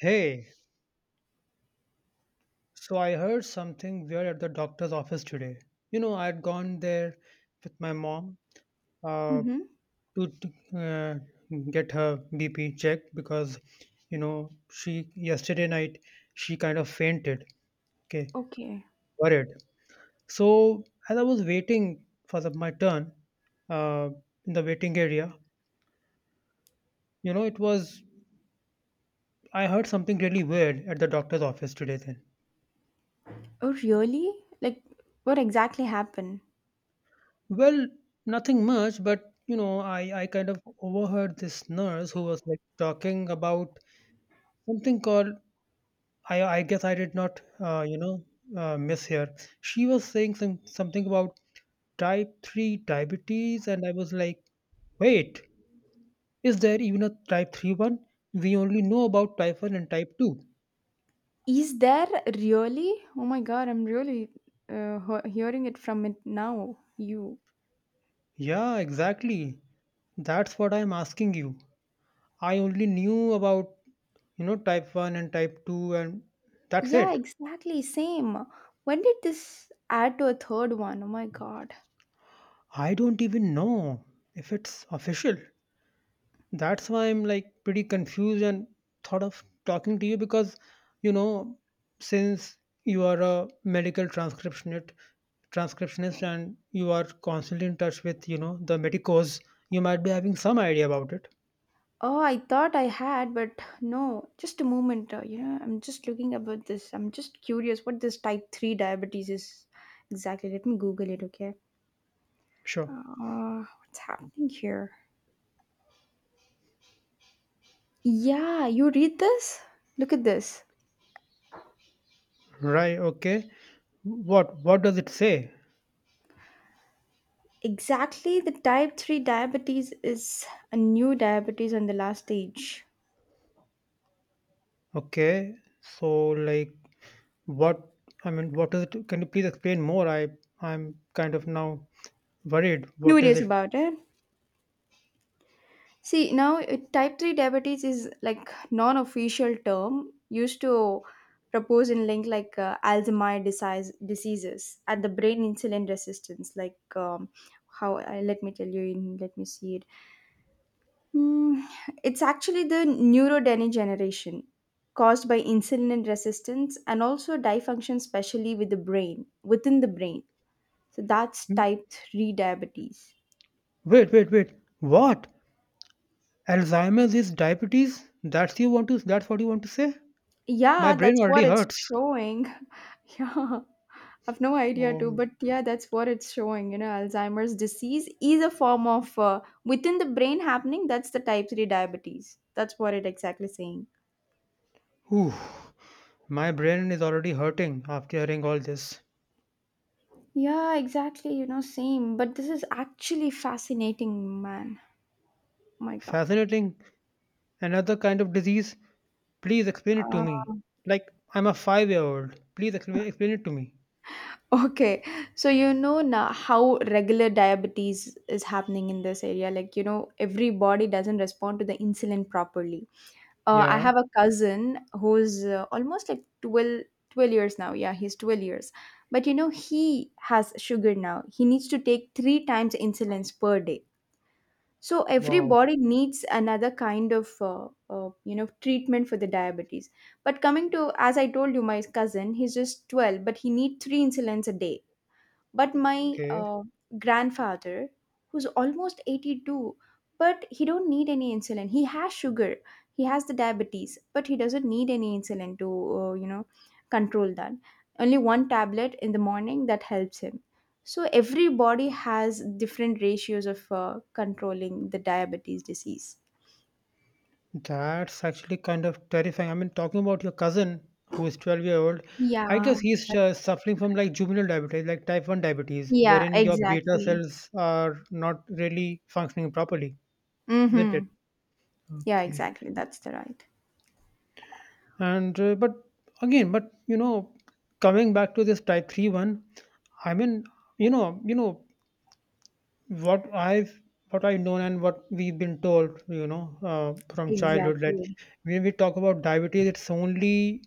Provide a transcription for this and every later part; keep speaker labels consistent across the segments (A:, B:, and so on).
A: Hey, so I heard something weird at the doctor's office today. You know, I'd gone there with my mom uh,
B: Mm-hmm.
A: to get her BP checked because, she yesterday night she kind of fainted. Okay,
B: Okay.
A: worried. So as I was waiting for my turn uh, in the waiting area, you know, it was I heard something really weird at the doctor's office today. Then
B: Oh, really? Like, what exactly happened?
A: well, nothing much, but I kind of overheard this nurse who was like talking about something called I guess I did not miss here. She was saying something about type three diabetes, and I was like, wait, is there even a type 3 one? We only know about type one and type two.
B: Is there really? Oh my God, I'm really hearing it from it now. You.
A: Yeah, exactly. That's what I'm asking you. I only knew about, you know, type one and type two, and that's
B: Yeah,
A: it.
B: exactly. Same. When did this add to a third one? Oh my God.
A: I don't even know if it's official. That's why I'm like pretty confused and thought of talking to you because, you know, since you are a medical transcriptionist and you are constantly in touch with, you know, the medicos, you might be having some idea about it.
B: Oh, I thought I had, but no. Just a moment. You know, I'm just looking about this. I'm just curious what this type 3 diabetes is exactly. Let me Google it, okay?
A: Sure.
B: What's happening here? Yeah, you read this? Look at this.
A: Right. Okay. What does it say?
B: Exactly, the type 3 diabetes is a new diabetes on the last stage.
A: Okay. So like what, I mean, what is it? Can you please explain more? I I'm kind of now worried. What is
B: Curious
A: it?
B: about it? See, now type 3 diabetes is like non-official term used to propose and link like Alzheimer's disease, diseases and the brain insulin resistance like how I let me tell you in let me see it. Mm, it's actually the neurodegeneration caused by insulin resistance and also dysfunction, especially with the brain, within the brain. So that's
A: Hmm?
B: type 3 diabetes.
A: Wait, wait, wait. What? Alzheimer's is diabetes? That's what you want to say? My
B: Yeah,
A: brain
B: that's what
A: already
B: it's
A: hurts.
B: showing. Yeah, I've no idea too,
A: Um
B: but yeah, that's what it's showing. You know, Alzheimer's disease is a form of within the brain happening. That's the type 3 diabetes. That's what it exactly saying.
A: whew. My brain is already hurting after hearing all this.
B: Yeah, exactly. You know, same. But this is actually fascinating, man. Oh my God.
A: Fascinating. Another kind of disease. Please explain it to
B: Uh,
A: me. Like I'm a 5 year old. Please explain it to me.
B: okay. So you know now how regular diabetes is happening in this area. Like, you know, every body doesn't respond to the insulin properly. I
A: Yeah.
B: have a cousin who's almost like 12 years now. Yeah, he's 12 years. But you know, he has sugar now. He needs to take three times insulins per day. So every
A: Wow.
B: body needs another kind of you know treatment for the diabetes, but coming to as I told you, my cousin, he's just 12, but he needs three insulins a day. But my
A: Okay.
B: grandfather, who's almost 82, but he don't need any insulin. He has sugar, he has the diabetes, but he doesn't need any insulin to you know control that. Only one tablet in the morning that helps him. So every body has different ratios of controlling the diabetes disease.
A: That's actually kind of terrifying. I mean, talking about your cousin who is 12-year-old, I
B: yeah
A: guess he's
B: that's-
A: suffering from like juvenile diabetes, like type 1 diabetes,
B: yeah,
A: wherein your beta
B: exactly.
A: cells are not really functioning properly, isn't
B: Mm-hmm.
A: it?
B: Yeah,
A: Okay.
B: exactly, that's the right.
A: And but again, but you know, coming back to this type 3 one, I mean, you know what I've known, and what we've been told, you know, from childhood, that
B: Exactly,
A: when we talk about diabetes, it's only,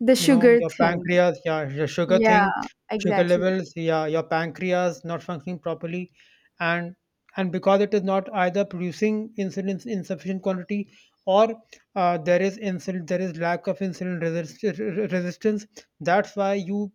B: the
A: you know,
B: sugar
A: your
B: thing.
A: pancreas, yeah, your sugar
B: Yeah,
A: thing, sugar
B: exactly.
A: levels, yeah, your pancreas not functioning properly, and because it is not either producing insulin in sufficient quantity, or there is lack of insulin resistance. That's why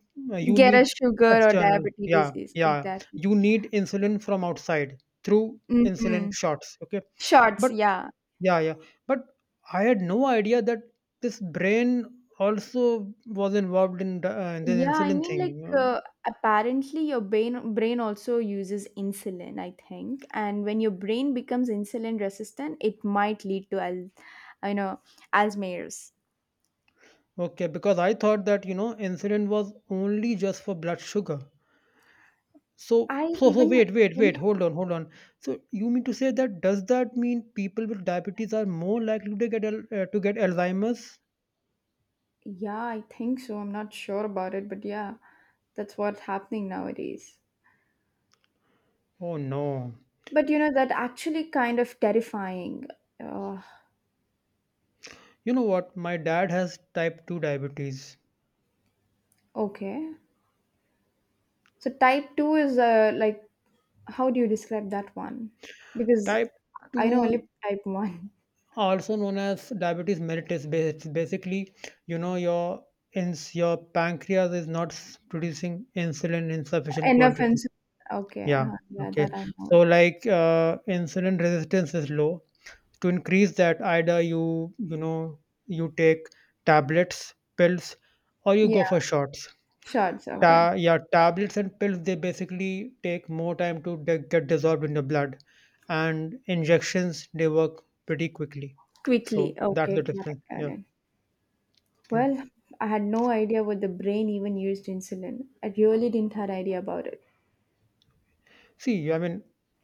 A: you
B: Get a
A: need
B: sugar or
A: external,
B: diabetes
A: yeah,
B: disease.
A: yeah,
B: Exactly.
A: you need insulin from outside through insulin
B: Mm-hmm.
A: shots. Okay,
B: Shorts,
A: but
B: yeah.
A: yeah, yeah. But I had no idea that this brain also was involved in in the
B: Yeah, I
A: insulin
B: mean, like
A: thing.
B: apparently your brain also uses insulin, I think. And when your brain becomes insulin resistant, it might lead to al you know, Alzheimer's.
A: Okay, because I thought that, you know, insulin was only just for blood sugar. So,
B: I
A: so, so
B: even
A: wait, wait,
B: did.
A: wait. Hold on, hold on. So you mean to say that, does that mean people with diabetes are more likely to get to get Alzheimer's?
B: Yeah, I think so. I'm not sure about it, but yeah, that's what's happening nowadays.
A: Oh no.
B: But you know that actually kind of terrifying. Uh,
A: You know what? My dad has type 2 diabetes.
B: okay. So type 2 is like, how do you describe that one? Because
A: Type
B: I know only
A: 2,
B: type 1.
A: also known as diabetes mellitus. Basically, you know, your ins your pancreas is not producing insulin in sufficient quantity.
B: Inoffensive. Okay.
A: Yeah.
B: Yeah,
A: Okay.
B: that I
A: So
B: know.
A: like insulin resistance is low. To increase that, either you, you know, you take tablets, pills, or you
B: Yeah,
A: go for shots.
B: shots. Okay.
A: Ta Yeah, tablets and pills, they basically take more time to get dissolved in the blood, and injections, they work pretty quickly.
B: Quickly.
A: So that's the
B: Okay, correct,
A: difference. Yeah.
B: correct.
A: Okay.
B: Well, I had no idea what the brain even used insulin. I really didn't had idea about it.
A: See, I mean,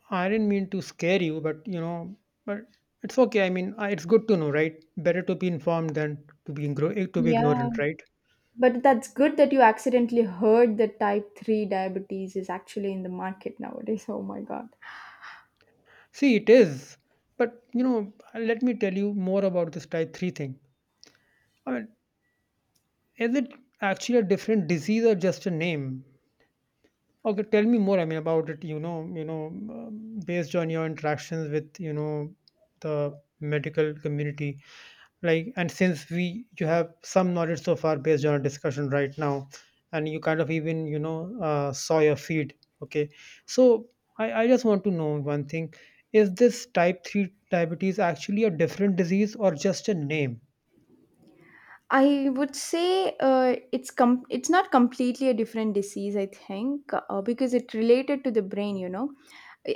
A: I didn't mean to scare you, but you know, but it's okay. I mean, it's good to know, right? Better to be informed than to be
B: Yeah,
A: ignorant, right?
B: but that's good that you accidentally heard that type 3 diabetes is actually in the market nowadays. Oh my God.
A: See, it is. But you know, let me tell you more about this type three thing. I mean, is it actually a different disease or just a name? Okay, tell me more, I mean, about it, you know, based on your interactions with, you know, the medical community. Like, and you have some knowledge so far based on our discussion right now, and you kind of even, you know, saw your feed. Okay. So I just want to know one thing. Is this type 3 diabetes actually a different disease or just a name?
B: I would say it's not completely a different disease. I think because it related to the brain. You know,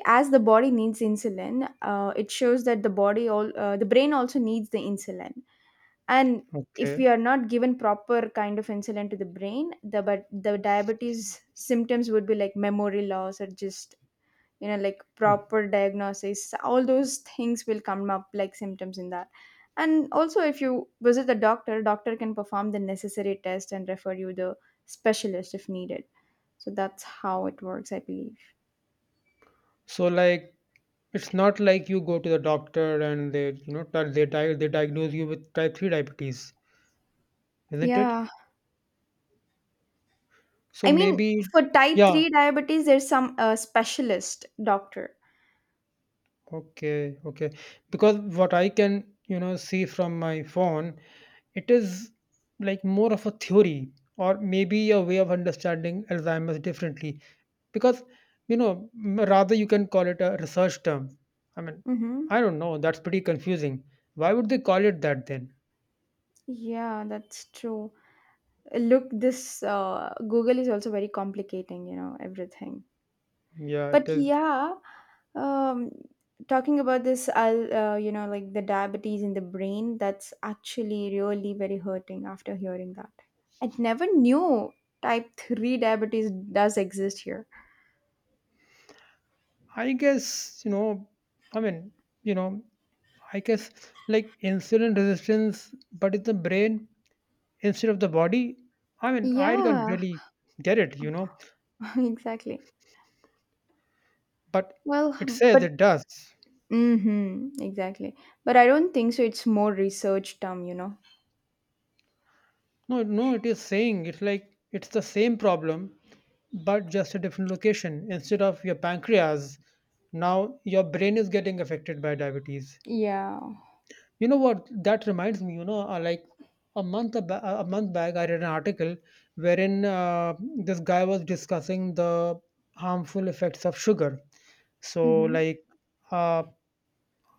B: as the body needs insulin, it shows that the body all the brain also needs the insulin. And if we
A: Okay.
B: are not given proper kind of insulin to the brain, the diabetes symptoms would be like memory loss or just, you know, like
A: Hmm.
B: proper diagnosis, all those things will come up like symptoms in that. And also, if you visit the doctor, can perform the necessary test and refer you the specialist if needed. So that's how it works, I believe.
A: So like, it's not like you go to the doctor and they, you know, di- they diagnose you with type 3 diabetes, isn't it?
B: Yeah,
A: So
B: I mean,
A: maybe,
B: for type
A: yeah,
B: 3 diabetes there's some specialist doctor.
A: okay, okay. Because what I can, you know, see from my phone, it is like more of a theory, or maybe a way of understanding Alzheimer's differently. Because, you know, rather, you can call it a research term. I mean,
B: Mm-hmm.
A: I don't know, that's pretty confusing. Why would they call it that then?
B: Yeah, that's true. Look, this Google is also very complicating, you know, everything.
A: Yeah,
B: But
A: it is.
B: yeah, um talking about this, I'll you know, like the diabetes in the brain, that's actually really very hurting after hearing that. I never knew type 3 diabetes does exist here.
A: I guess, you know, I mean, you know, I guess like insulin resistance, but it's the brain instead of the body. I mean, I can't
B: Yeah.
A: really get it, you know,
B: Exactly.
A: but
B: Well,
A: it says
B: but
A: it does.
B: mm-hmm, exactly, but I don't think so, it's more research term, you know.
A: No, no, it is saying it's like it's the same problem, but just a different location. Instead of your pancreas, now your brain is getting affected by diabetes.
B: Yeah.
A: You know what? That reminds me. You know, like a a month back, I read an article wherein this guy was discussing the harmful effects of sugar. So,
B: Mm-hmm.
A: like, uh,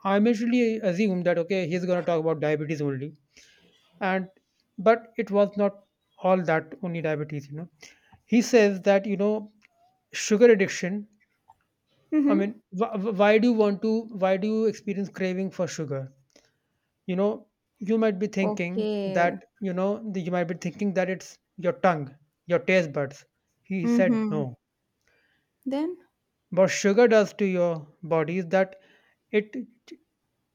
A: I initially assumed that okay, he's gonna talk about diabetes only, and but it was not all that only diabetes. You know, he says that, you know, sugar addiction. I
B: Mm-hmm.
A: mean, why do you want to? Why do you experience craving for sugar? You know, you might be thinking that,
B: Okay.
A: it's your tongue, your taste buds. He said
B: Mm-hmm.
A: no.
B: Then.
A: What sugar does to your body is that it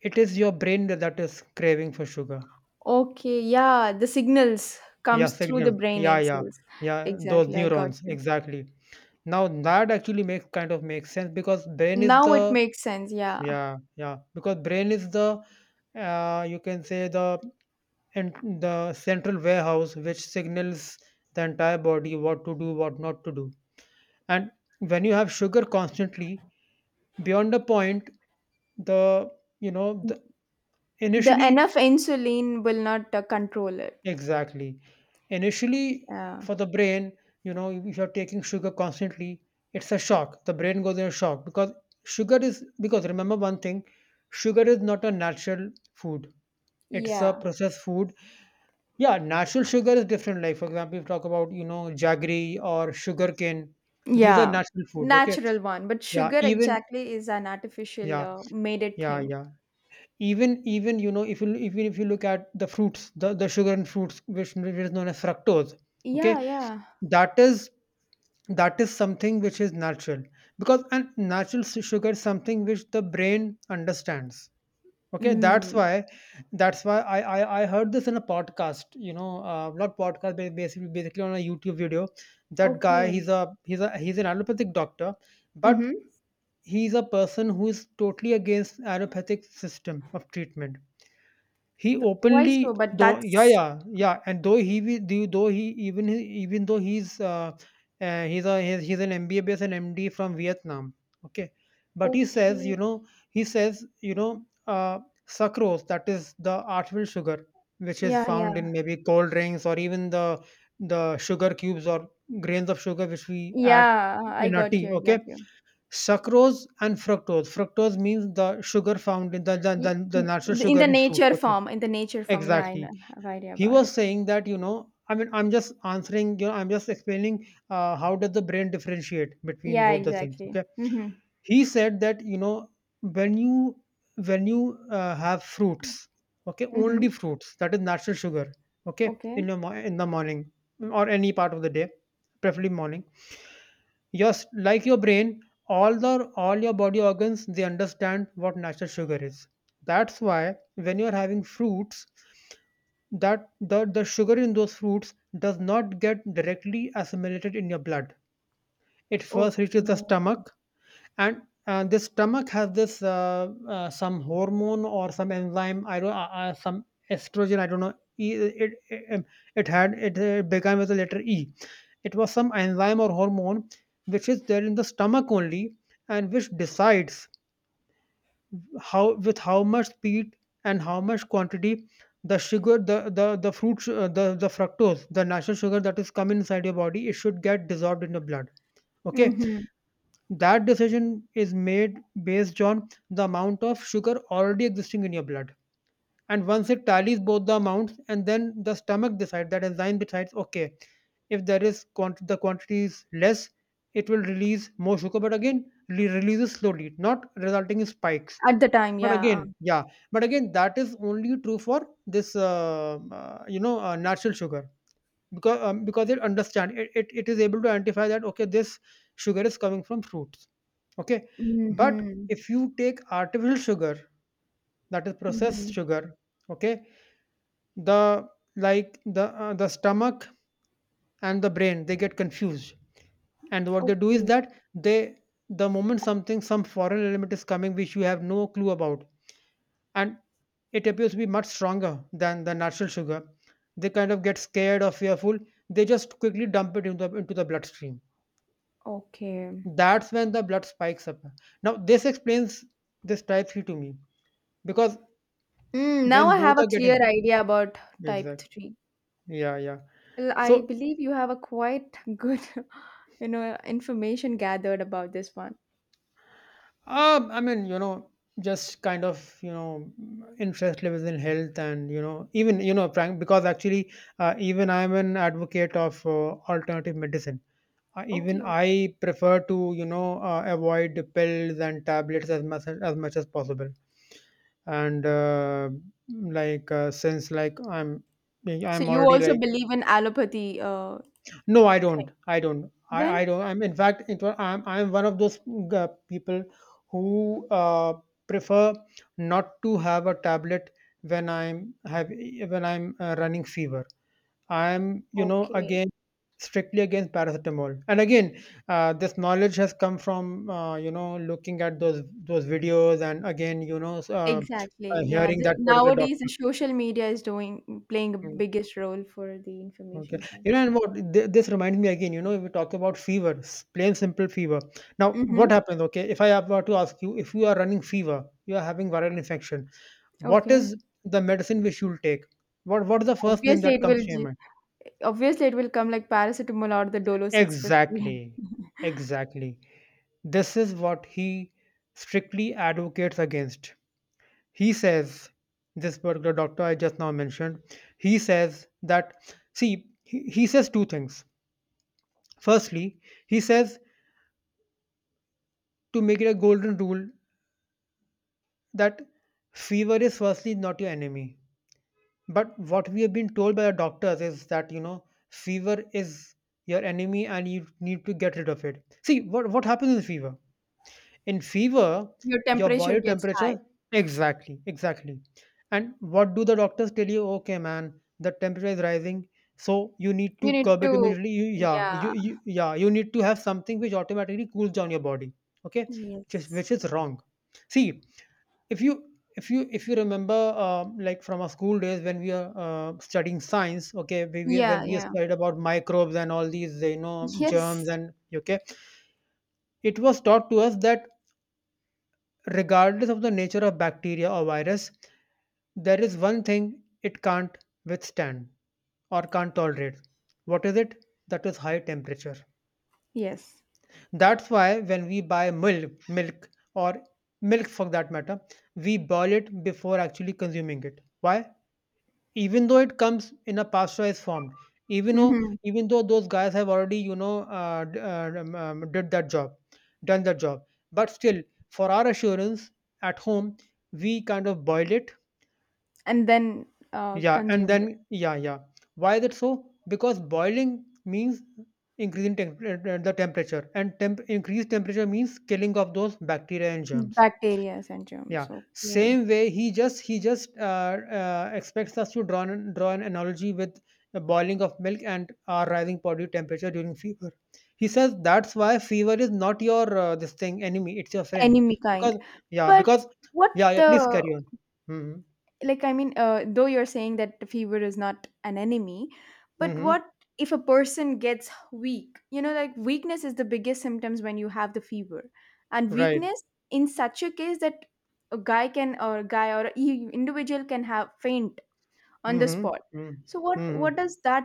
A: it is your brain that is craving for sugar.
B: Okay, yeah, the signals
A: Yeah,
B: comes through the
A: signal,
B: brain
A: yeah, yeah,
B: itself.
A: yeah, those
B: Exactly, I got
A: neurons
B: you.
A: exactly. Now that actually makes kind of makes sense, because brain is
B: Now it
A: the,
B: makes sense, yeah.
A: yeah, yeah, because brain is the, you can say the, and the central warehouse which signals the entire body what to do, what not to do, and when you have sugar constantly beyond a point, the you know the
B: The
A: initially,
B: enough insulin will not control it.
A: exactly, initially,
B: Yeah.
A: for the brain, you know, if you're taking sugar constantly, it's a shock, the brain goes in a shock, because sugar is, because remember one thing, sugar is not a natural food, it's a
B: Yeah.
A: processed food. Yeah, natural sugar is different. Like, for example, if you talk about, you know, jaggery or sugarcane, these are
B: Yeah.
A: natural foods, okay?
B: Natural one, but
A: Yeah,
B: sugar exactly is an artificial
A: yeah,
B: made it
A: yeah,
B: thing.
A: yeah. Even you know, if you look at the fruits, the sugar and fruits, which is known as fructose,
B: Yeah,
A: okay,
B: yeah.
A: that is something which is natural, because and natural sugar is something which the brain understands. Okay,
B: Mm.
A: that's why I heard this in a podcast. You know, not podcast, but basically on a YouTube video. That guy,
B: Okay.
A: he's a he's an allopathic doctor, but
B: Mm-hmm.
A: he's a person who is totally against allopathic system of treatment. He
B: But why
A: openly,
B: so? But
A: though, yeah,
B: that's
A: yeah, yeah, and though he will, though he even though he's a he's an MBBS and MD from Vietnam, okay, but
B: okay.
A: he says, you know, sucrose, that is the artificial sugar, which is
B: Yeah,
A: found
B: yeah.
A: in maybe cold drinks or even the sugar cubes or grains of sugar which we add
B: Yeah, I
A: in our
B: got
A: tea,
B: you. I
A: okay,
B: got you.
A: sucrose and fructose. Fructose means the sugar found in the,
B: Y-
A: the
B: n-
A: natural
B: in
A: sugar
B: the
A: in fruit.
B: nature
A: Okay,
B: form in the nature form yeah I
A: exactly.
B: know, have idea
A: He
B: about
A: was
B: it.
A: saying that, you know, I mean, I'm just answering, you know, I'm just explaining, how does the brain differentiate between
B: Yeah,
A: both the things.
B: exactly.
A: Okay.
B: Mm-hmm.
A: He said that, you know, when you when you have fruits, okay,
B: Mm-hmm.
A: only fruits, that is natural sugar, okay,
B: Okay,
A: in your in the morning or any part of the day, preferably morning. Just like your brain, all your body organs, they understand what natural sugar is. That's why when you're having fruits, that the sugar in those fruits does not get directly assimilated in your blood. It first reaches the
B: okay.
A: stomach, and this stomach has this some hormone or some enzyme. I don't Some estrogen. I don't know. It began with the letter E. It was some enzyme or hormone which is there in the stomach only, and which decides how with how much speed and how much quantity the sugar the fruit su- the fructose, the natural sugar that is come inside your body, it should get dissolved in your blood. Okay,
B: Mm-hmm.
A: that decision is made based on the amount of sugar already existing in your blood. And once it tallies both the amounts, and then the stomach decides, that enzyme decides, okay, if there is the quantity is less, it will release more sugar, but again releases slowly, not resulting in spikes.
B: At the time,
A: But
B: yeah.
A: again, yeah. But again, that is only true for this natural sugar. Because because it understand it is able to identify that, okay, this sugar is coming from fruits. Okay, but
B: Mm-hmm.
A: if you take artificial sugar, that is processed
B: Mm-hmm.
A: sugar. Okay, the the stomach and the brain, they get confused. And what they do is
B: Okay,
A: that they, the moment something, some foreign element is coming which you have no clue about, and it appears to be much stronger than the natural sugar, they kind of get scared or fearful, they just quickly dump it into into the bloodstream.
B: okay.
A: That's when the blood spikes up. Now, this explains this type 3 to me, because
B: Now
A: when
B: I have
A: both
B: a
A: are getting,
B: clear idea about type
A: exactly.
B: 3.
A: Yeah, yeah.
B: Well,
A: So
B: I believe you have a quite good you know, information gathered about this one.
A: I mean, you know, just kind of, you know, interest levels in health and, you know, even, you know, frank, because actually, even I'm an advocate of alternative medicine. Even
B: Okay, okay.
A: I prefer to, you know, avoid pills and tablets as much as possible. And like since like I'm
B: So
A: I'm
B: you
A: already
B: also
A: like,
B: believe in allopathy
A: no, I
B: thing
A: don't. I don't. I,
B: then.
A: I don't. I'm, in fact, I'm one of those people who prefer not to have a tablet when I'm running fever. I'm, you know,
B: Okay.
A: again strictly against paracetamol. And again, this knowledge has come from you know, looking at those videos, and again, you know,
B: Exactly. Yeah.
A: hearing that particular
B: Nowadays, the
A: doctor.
B: social media is doing playing a
A: mm,
B: biggest role for the
A: Okay.
B: information kind.
A: You know, and what this reminds me again, you know, if we talk about fever, plain simple fever. Now,
B: Mm-hmm.
A: what happens? Okay, if I have were to ask you, if you are running fever, you are having viral infection, what
B: Okay.
A: is the medicine which you'll take? What is the first name
B: Obviously,
A: that
B: it
A: comes
B: will.
A: to your
B: ju-
A: mind?
B: Obviously, it will come like paracetamol or the Dolo 650.
A: Exactly, exactly. This is what he strictly advocates against. He says, this particular doctor I just now mentioned, he says that, see, he says 2 things. Firstly, he says to make it a golden rule that fever is firstly not your enemy. But what we have been told by the doctors is that, you know, fever is your enemy and you need to get rid of it. See, what happens in fever? In fever,
B: Your
A: your
B: temperature
A: body
B: gets high.
A: temperature, exactly, exactly. And what do the doctors tell you? Okay, man, the temperature is rising. So you need
B: You
A: to
B: need
A: curb it
B: to.
A: immediately. You, yeah,
B: Yeah.
A: you need to have something which automatically cools down your body. Okay, just
B: Yes.
A: which is wrong. See, if you if you remember, like from our school days when we are studying science. Okay, we when
B: Yeah.
A: we
B: Yeah.
A: studied about microbes and all these, you know, germs,
B: Yes.
A: and okay, it was taught to us that regardless of the nature of bacteria or virus, there is one thing it can't withstand or can't tolerate. What is it? That is high temperature.
B: Yes.
A: That's why when we buy milk or milk for that matter, we boil it before actually consuming it. Why? Even though it comes in a pasteurized form, even though
B: Mm-hmm.
A: even though those guys have already, you know, did that job, done that job, but still, for our assurance, at home, we kind of boil it.
B: And then
A: Yeah, and
B: consume it.
A: then, yeah, yeah. Why is it so? Because boiling means increasing the temperature, and increased temperature means killing of those bacteria and germs.
B: Bacteria and
A: Yeah,
B: germs, okay,
A: same way, he just expects us to draw draw an analogy with the boiling of milk and our rising body temperature during fever. He says that's why fever is not your this thing enemy; it's your friend.
B: enemy kind.
A: Because, yeah,
B: But
A: because.
B: what
A: Yeah, yeah. Please
B: the
A: carry on. Mm-hmm.
B: Like, I mean, though you're saying that fever is not an enemy, but
A: Hmm.
B: what if a person gets weak? You know, like weakness is the biggest symptoms when you have the fever, and
A: Right.
B: weakness in such a case that a guy can or a guy or a e- individual can have faint on the
A: Mm-hmm.
B: spot.
A: Mm-hmm.
B: So what
A: Mm-hmm.
B: what does that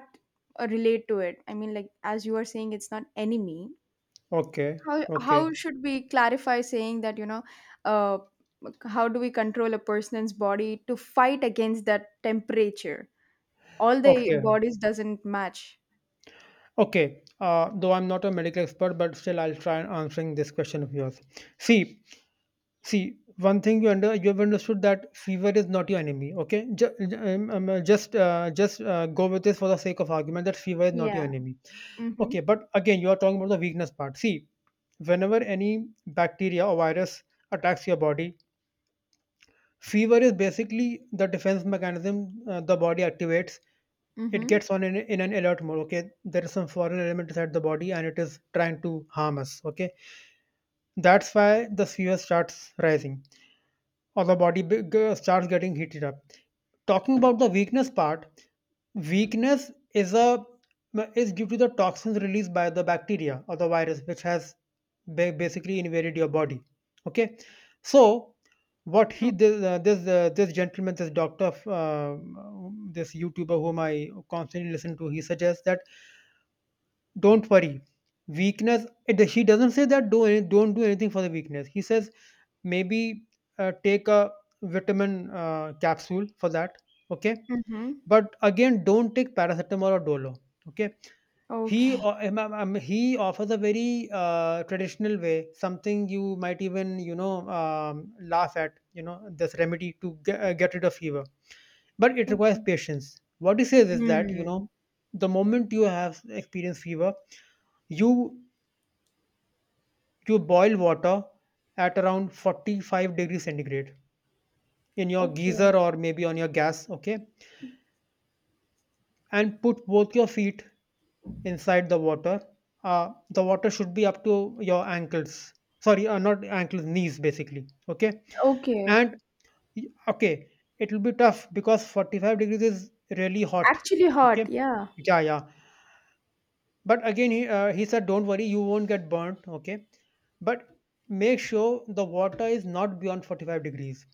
B: relate to it? I mean, like, as you are saying it's not enemy,
A: Okay.
B: how
A: Okay.
B: how should we clarify saying that, you know, uh, how do we control a person's body to fight against that temperature? All the
A: Okay.
B: bodies doesn't match.
A: Okay. Though I'm not a medical expert, but still I'll try and answering this question of yours. See. One thing you have understood that fever is not your enemy. Okay, just go with this for the sake of argument that fever is not your
B: Yeah.
A: enemy.
B: Mm-hmm.
A: Okay, but again, you are talking about the weakness part. See, whenever any bacteria or virus attacks your body, fever is basically the defense mechanism the body activates. It
B: Mm-hmm.
A: gets on in an alert mode. Okay, there is some foreign element inside the body and it is trying to harm us. Okay, that's why the fever starts rising or the body starts getting heated up. Talking about the weakness part, weakness is a is due to the toxins released by the bacteria or the virus, which has basically invaded your body. Okay, so what he
B: Oh,
A: this this, this gentleman, this doctor, this YouTuber whom I constantly listen to, he suggests that, don't worry. Weakness. He doesn't say that do don't do anything for the weakness. He says maybe take a vitamin capsule for that. Okay,
B: mm-hmm.
A: but again, don't take paracetamol or Dolo. Okay,
B: Okay,
A: he offers a very traditional way, something you might even, you know, laugh at. You know this remedy to get rid of fever, but it requires
B: okay.
A: patience. What he says is that, you
B: Hmm.
A: know, the moment you have experienced fever, you you boil water at around 45 degrees centigrade in your
B: Okay,
A: geyser or maybe on your gas. Okay, and put both your feet inside the water. The water should be up to your ankles, sorry, not ankles, knees basically. Okay,
B: okay.
A: and okay, it will be tough because 45 degrees is really hot.
B: Actually
A: Okay,
B: hot, yeah.
A: yeah, yeah. But again, he said, don't worry, you won't get burnt, okay? But make sure the water is not beyond 45 degrees.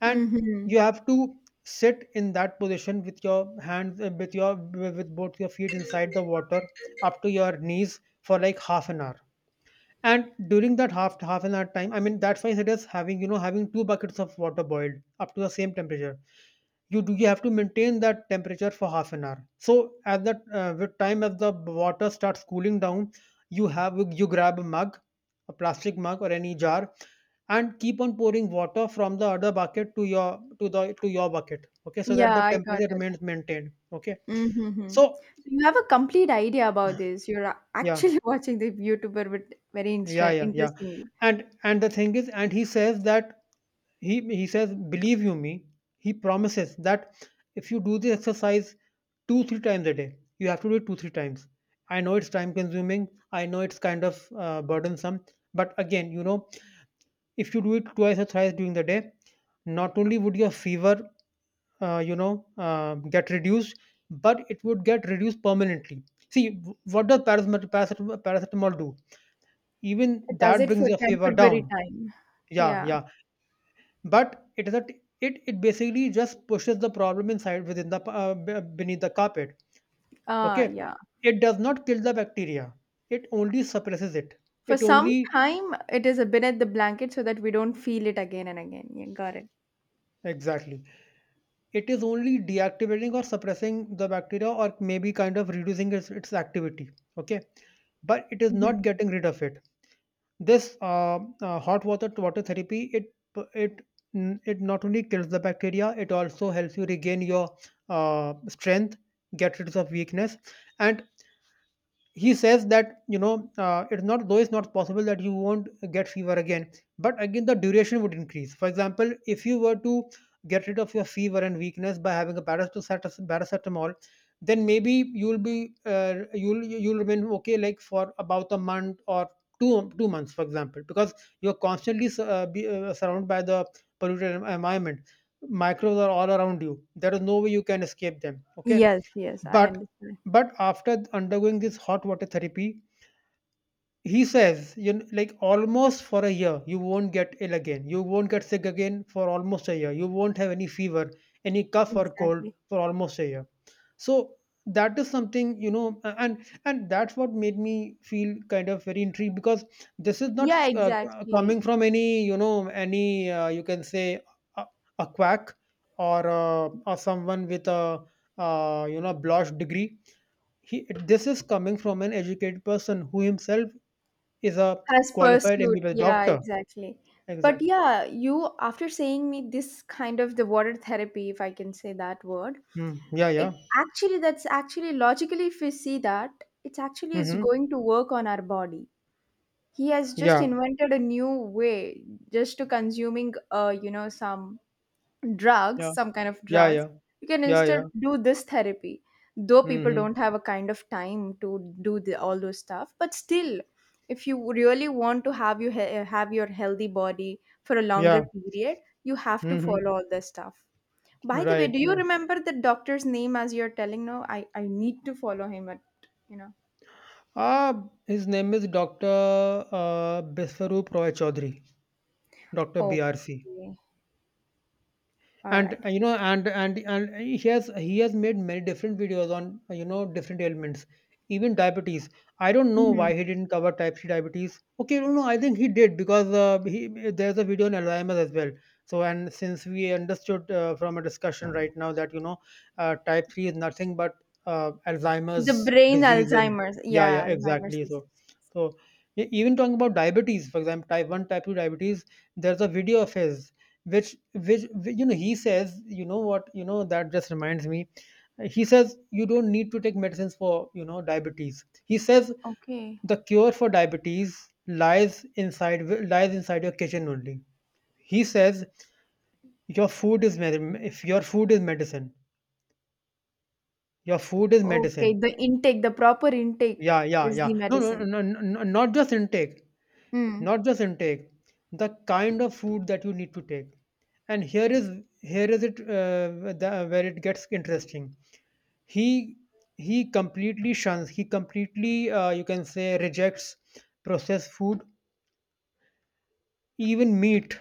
A: And
B: Mm-hmm.
A: you have to sit in that position with your hands, with your with both your feet inside the water up to your knees for like half an hour. And during that half an hour time, I mean that's why it is, having, you know, having 2 buckets of water boiled up to the same temperature, you have to maintain that temperature for half an hour. So at that, with time, as the water starts cooling down, you grab a mug, a plastic mug or any jar, and keep on pouring water from the other bucket to your to the to your bucket. Okay, so that
B: Yeah,
A: the
B: I got.
A: temperature remains maintained. Okay,
B: Mhm.
A: so
B: So you have a complete idea about this. You're
A: yeah,
B: actually watching the YouTuber but very
A: yeah, yeah, yeah,
B: interestingly.
A: and the thing is, and he says that he says, believe you me, he promises that if you do the exercise 2-3 times a day, you have to do it 2-3 times. I know it's time consuming, I know it's kind of burdensome, but again, you know, if you do it twice or thrice during the day, not only would your fever get reduced, but it would get reduced permanently. See, what does paracetamol do? Even
B: It does
A: that
B: it
A: brings
B: for
A: your fever
B: temporary
A: down.
B: time.
A: Yeah,
B: Yeah.
A: yeah. But it is a t- it basically just pushes the problem inside within the beneath the carpet.
B: Ah,
A: Okay,
B: yeah.
A: it does not kill the bacteria. It only suppresses it.
B: For
A: It
B: some
A: only
B: time it is a beneath the blanket so that we don't feel it again and again. Yeah, got it.
A: Exactly. It is only deactivating or suppressing the bacteria, or maybe kind of reducing its activity. Okay, but it is not
B: Mhm.
A: getting rid of it. This hot water therapy, it it not only kills the bacteria, it also helps you regain your strength, get rid of weakness, and he says that, you know, it's not though it's not possible that you won't get fever again, but again the duration would increase. For example, if you were to get rid of your fever and weakness by having a paracetamol, then maybe you'll remain okay like for about a month or two, 2 months, for example, because you're constantly surrounded by the polluted environment. Microbes are all around you, there is no way you can escape them. Okay,
B: Yes, yes, I
A: but
B: understand.
A: but after undergoing this hot water therapy, he says, you know, like almost for a year, you won't get ill again. You won't get sick again for almost a year. You won't have any fever, any cough or cold
B: Exactly.
A: for almost a year. So that is something, you know, and that's what made me feel kind of very intrigued because this is not
B: Yeah,
A: coming
B: exactly.
A: from any, you can say a, a quack or someone with a blotch degree. This is coming from an educated person who himself is a
B: Has
A: qualified
B: pursued.
A: MBBS
B: Yeah,
A: doctor.
B: exactly. But
A: Exactly.
B: yeah, you after saying me this kind of the water therapy, if I can say that word,
A: Mm, yeah, yeah.
B: it actually that's actually logically if we see that it's actually is
A: Mm-hmm.
B: going to work on our body. He has just
A: Yeah,
B: invented a new way just to consuming you know, some
A: yeah,
B: drugs, some kind of
A: yeah,
B: drugs.
A: yeah,
B: You can
A: yeah,
B: instead
A: yeah.
B: do this therapy. Though people
A: Mm-hmm.
B: don't have a kind of time to do the, all those stuff, but still, if you really want to have have your healthy body for a
A: Yeah.
B: longer period, you have to
A: Mm-hmm.
B: follow all this stuff. By the way,
A: Right,
B: do you
A: right.
B: remember the doctor's name as you're telling? No, I need to follow him at, you know.
A: Ah, his name is Doctor Biswarup Roy Chaudhary, Doctor BRC.
B: Okay. All
A: And
B: right.
A: you know and he has made many different videos on different ailments, even diabetes. I don't know why
B: Mhm.
A: he didn't cover type 3 diabetes. Okay, no, I think he did, because he, there's a video on Alzheimer's as well. So, and since we understood, from a discussion right now, that you know, type 3 is nothing but
B: The
A: Alzheimer's
B: brain
A: disease. And
B: Alzheimer's.
A: yeah, yeah,
B: Yeah, Alzheimer's
A: exactly.
B: disease.
A: So, so even talking about diabetes, for example, type 1, type 2 diabetes, there's a video of his you know, he says, you know what, you know, that just reminds me, he says you don't need to take medicines for, you know, diabetes. He says
B: Okay.
A: the cure for diabetes lies inside your kitchen only. He says your if your food is medicine, your food is
B: Okay.
A: medicine.
B: The intake, the proper intake
A: Yeah, yeah,
B: is the
A: yeah.
B: medicine.
A: No, Not just intake.
B: Mm.
A: Not just intake, the kind of food that you need to take. And here is it, where it gets interesting. He he completely shuns. He completely, you can say, rejects processed food, even meat,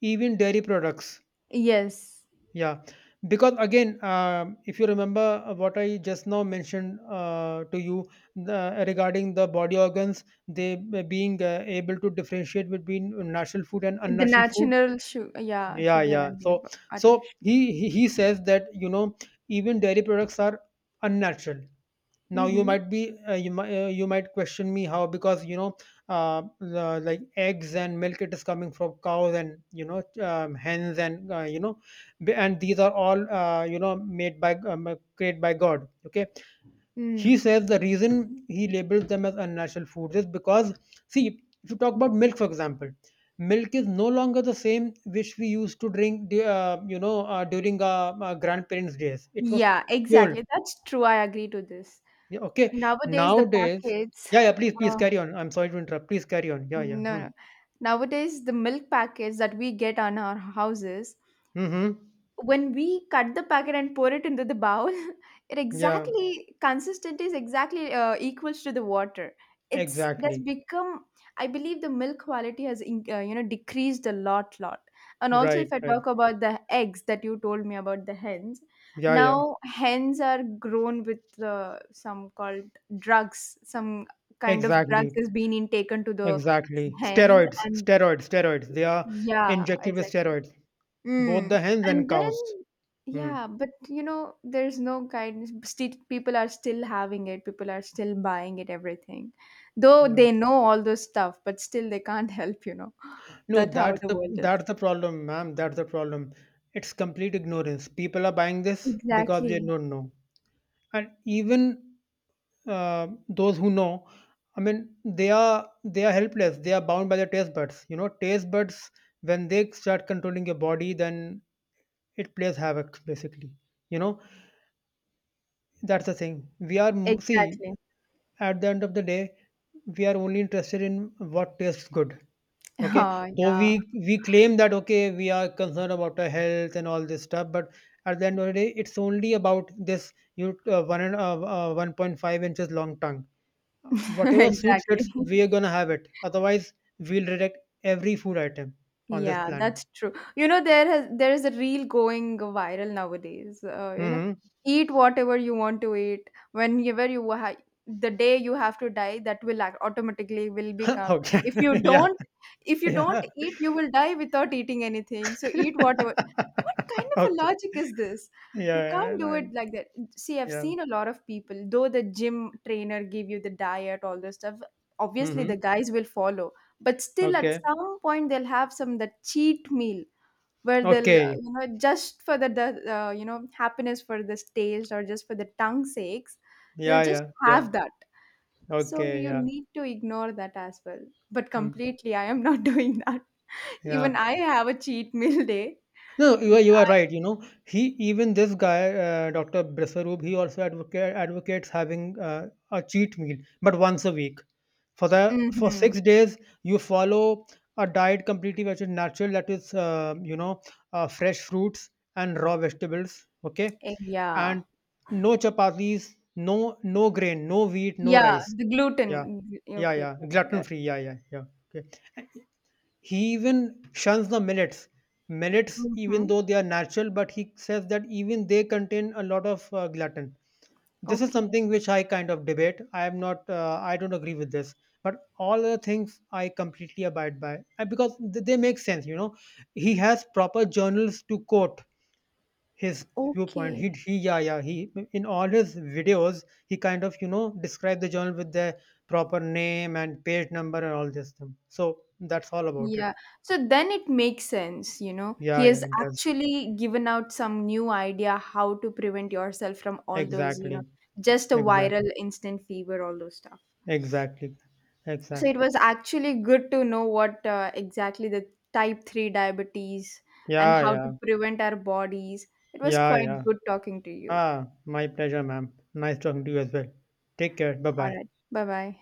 A: even dairy products.
B: Yes.
A: Yeah, because again, if you remember what I just now mentioned to you, regarding the body organs, they being able to differentiate between natural food and
B: The
A: unnatural food.
B: natural sugar, yeah,
A: Yeah,
B: sugar
A: yeah.
B: and
A: So,
B: milk,
A: so
B: artificial.
A: he he says that, you know, even dairy products are unnatural. Now you
B: Mm-hmm.
A: might be you might, you might question me how, because you know, like eggs and milk, it is coming from cows and, you know, hens, and and these are all, made by, created by God. Okay, he
B: Mm.
A: says the reason he labels them as unnatural foods is because, see, if you talk about milk, for example, milk is no longer the same which we used to drink, you know, during our grandparents' days. It was
B: Yeah,
A: pure.
B: exactly. That's true. I agree to this.
A: Yeah, okay.
B: Nowadays, the
A: Nowadays,
B: packets,
A: yeah, yeah. Please, please
B: uh,
A: carry on. I'm sorry to interrupt. Please carry on. Yeah,
B: No,
A: yeah. Hmm.
B: no. Nowadays, the milk packets that we get on our houses,
A: Mm-hmm.
B: when we cut the packet and pour it into the bowl, it
A: Yeah.
B: exactly consistent is exactly equals to the water. It's that's
A: Exactly.
B: become. I believe the milk quality has in, you know, decreased a lot, lot. And also,
A: Right.
B: if I
A: Right.
B: talk about the eggs that you told me about the hens,
A: Yeah. Yeah.
B: now hens are grown with some called drugs. Some kind of drugs
A: Exactly.
B: has been in taken to the
A: Exactly.
B: hens,
A: Steroids.
B: and
A: Steroids. Steroids. They are
B: yeah,
A: injected with
B: exactly.
A: steroids. Both
B: Mm.
A: the hens and
B: And then,
A: cows. Hmm.
B: yeah, but you know, there's no guidance. Still, people are still having it. People are still buying it, everything. Though
A: Yeah.
B: they know all those stuff, but still they can't help, you know.
A: No,
B: That's how
A: that's
B: the
A: the
B: world is.
A: that's the problem, ma'am. That's the problem. It's complete ignorance. People are buying this because they
B: Exactly.
A: don't know, and even those who know, I mean, they are, they are helpless. They are bound by their taste buds. You know, taste buds, when they start controlling your body, then it plays havoc. Basically, you know, that's the thing. See,
B: Exactly.
A: at the end of the day, we are only interested in what tastes good. Okay,
B: Oh,
A: though we
B: yeah.
A: we claim that, okay, we are concerned about our health and all this stuff, but at the end of the day, it's only about this, you one and, 1.5 inches long tongue. Whatever suits it,
B: Exactly.
A: we are gonna have it. Otherwise, we'll reject every food item on this
B: Yeah,
A: planet.
B: that's true. You know, there is a reel going viral nowadays. You know,
A: Hmm.
B: eat whatever you want to eat whenever you the day you have to die, that will automatically will become. If
A: Okay.
B: you
A: Yeah.
B: don't, if you
A: Yeah.
B: don't eat, you will die without eating anything. So eat whatever. What kind of a
A: Okay.
B: logic is this? You
A: Yeah.
B: can't do
A: Yeah.
B: it like that. See, I've
A: Yeah.
B: seen a lot of people, though the gym trainer give you the diet, all this stuff. Obviously,
A: Mm-hmm.
B: the guys will follow, but still, at
A: Okay.
B: some point, they'll have some that cheat meal where they'll,
A: Okay.
B: you know, just for the you know, happiness for this taste or just for the tongue sakes, they'll
A: Yeah.
B: just
A: Yeah. Yeah.
B: have that. So
A: Okay.
B: you
A: Yeah.
B: need to ignore that as well. But
A: Mm.
B: completely, I am not doing that.
A: Yeah.
B: Even I have a cheat meal day.
A: No, you are right. You know, he, even this guy, Dr. Bresaroob, he also advocates having, a cheat meal, but once a week. For
B: Mm-hmm.
A: 6 days, you follow a diet completely which is natural. That is, fresh fruits and raw vegetables. Okay, and
B: Yeah.
A: no chapatis, no grain, no wheat, no
B: Yeah,
A: rice.
B: the
A: Yeah,
B: gluten.
A: yeah,
B: Okay,
A: yeah.
B: got it, got
A: Gluten
B: it.
A: free. Yeah, yeah, yeah. Okay. He even shuns the millets. Millets, even
B: Mm-hmm.
A: though they are natural, but he says that even they contain a lot of gluten. This is
B: Okay.
A: something which I kind of debate. I am not. I don't agree with this. But all other things I completely abide by, because they make sense. You know, he has proper journals to quote his viewpoint.
B: Okay.
A: Yeah, yeah. He, in all his videos, he kind of, you know, describe the journal with the proper name and page number and all this thing. So that's all about it.
B: Yeah. So then it makes sense, you know.
A: Yeah,
B: He
A: yeah,
B: has
A: it does.
B: actually given out some new idea how to prevent yourself from all those, you know,
A: Exactly.
B: just a
A: Exact.
B: viral instant fever, all those stuff.
A: Exactly.
B: So it
A: Exactly.
B: was actually good to know what exactly the type 3 diabetes and
A: Yeah,
B: how
A: yeah.
B: to prevent our bodies. It was
A: Yeah,
B: quite
A: yeah.
B: good talking to you.
A: Ah, my pleasure, ma'am. Nice talking to you as well. Take care. Bye
B: All
A: bye.
B: right. Bye bye.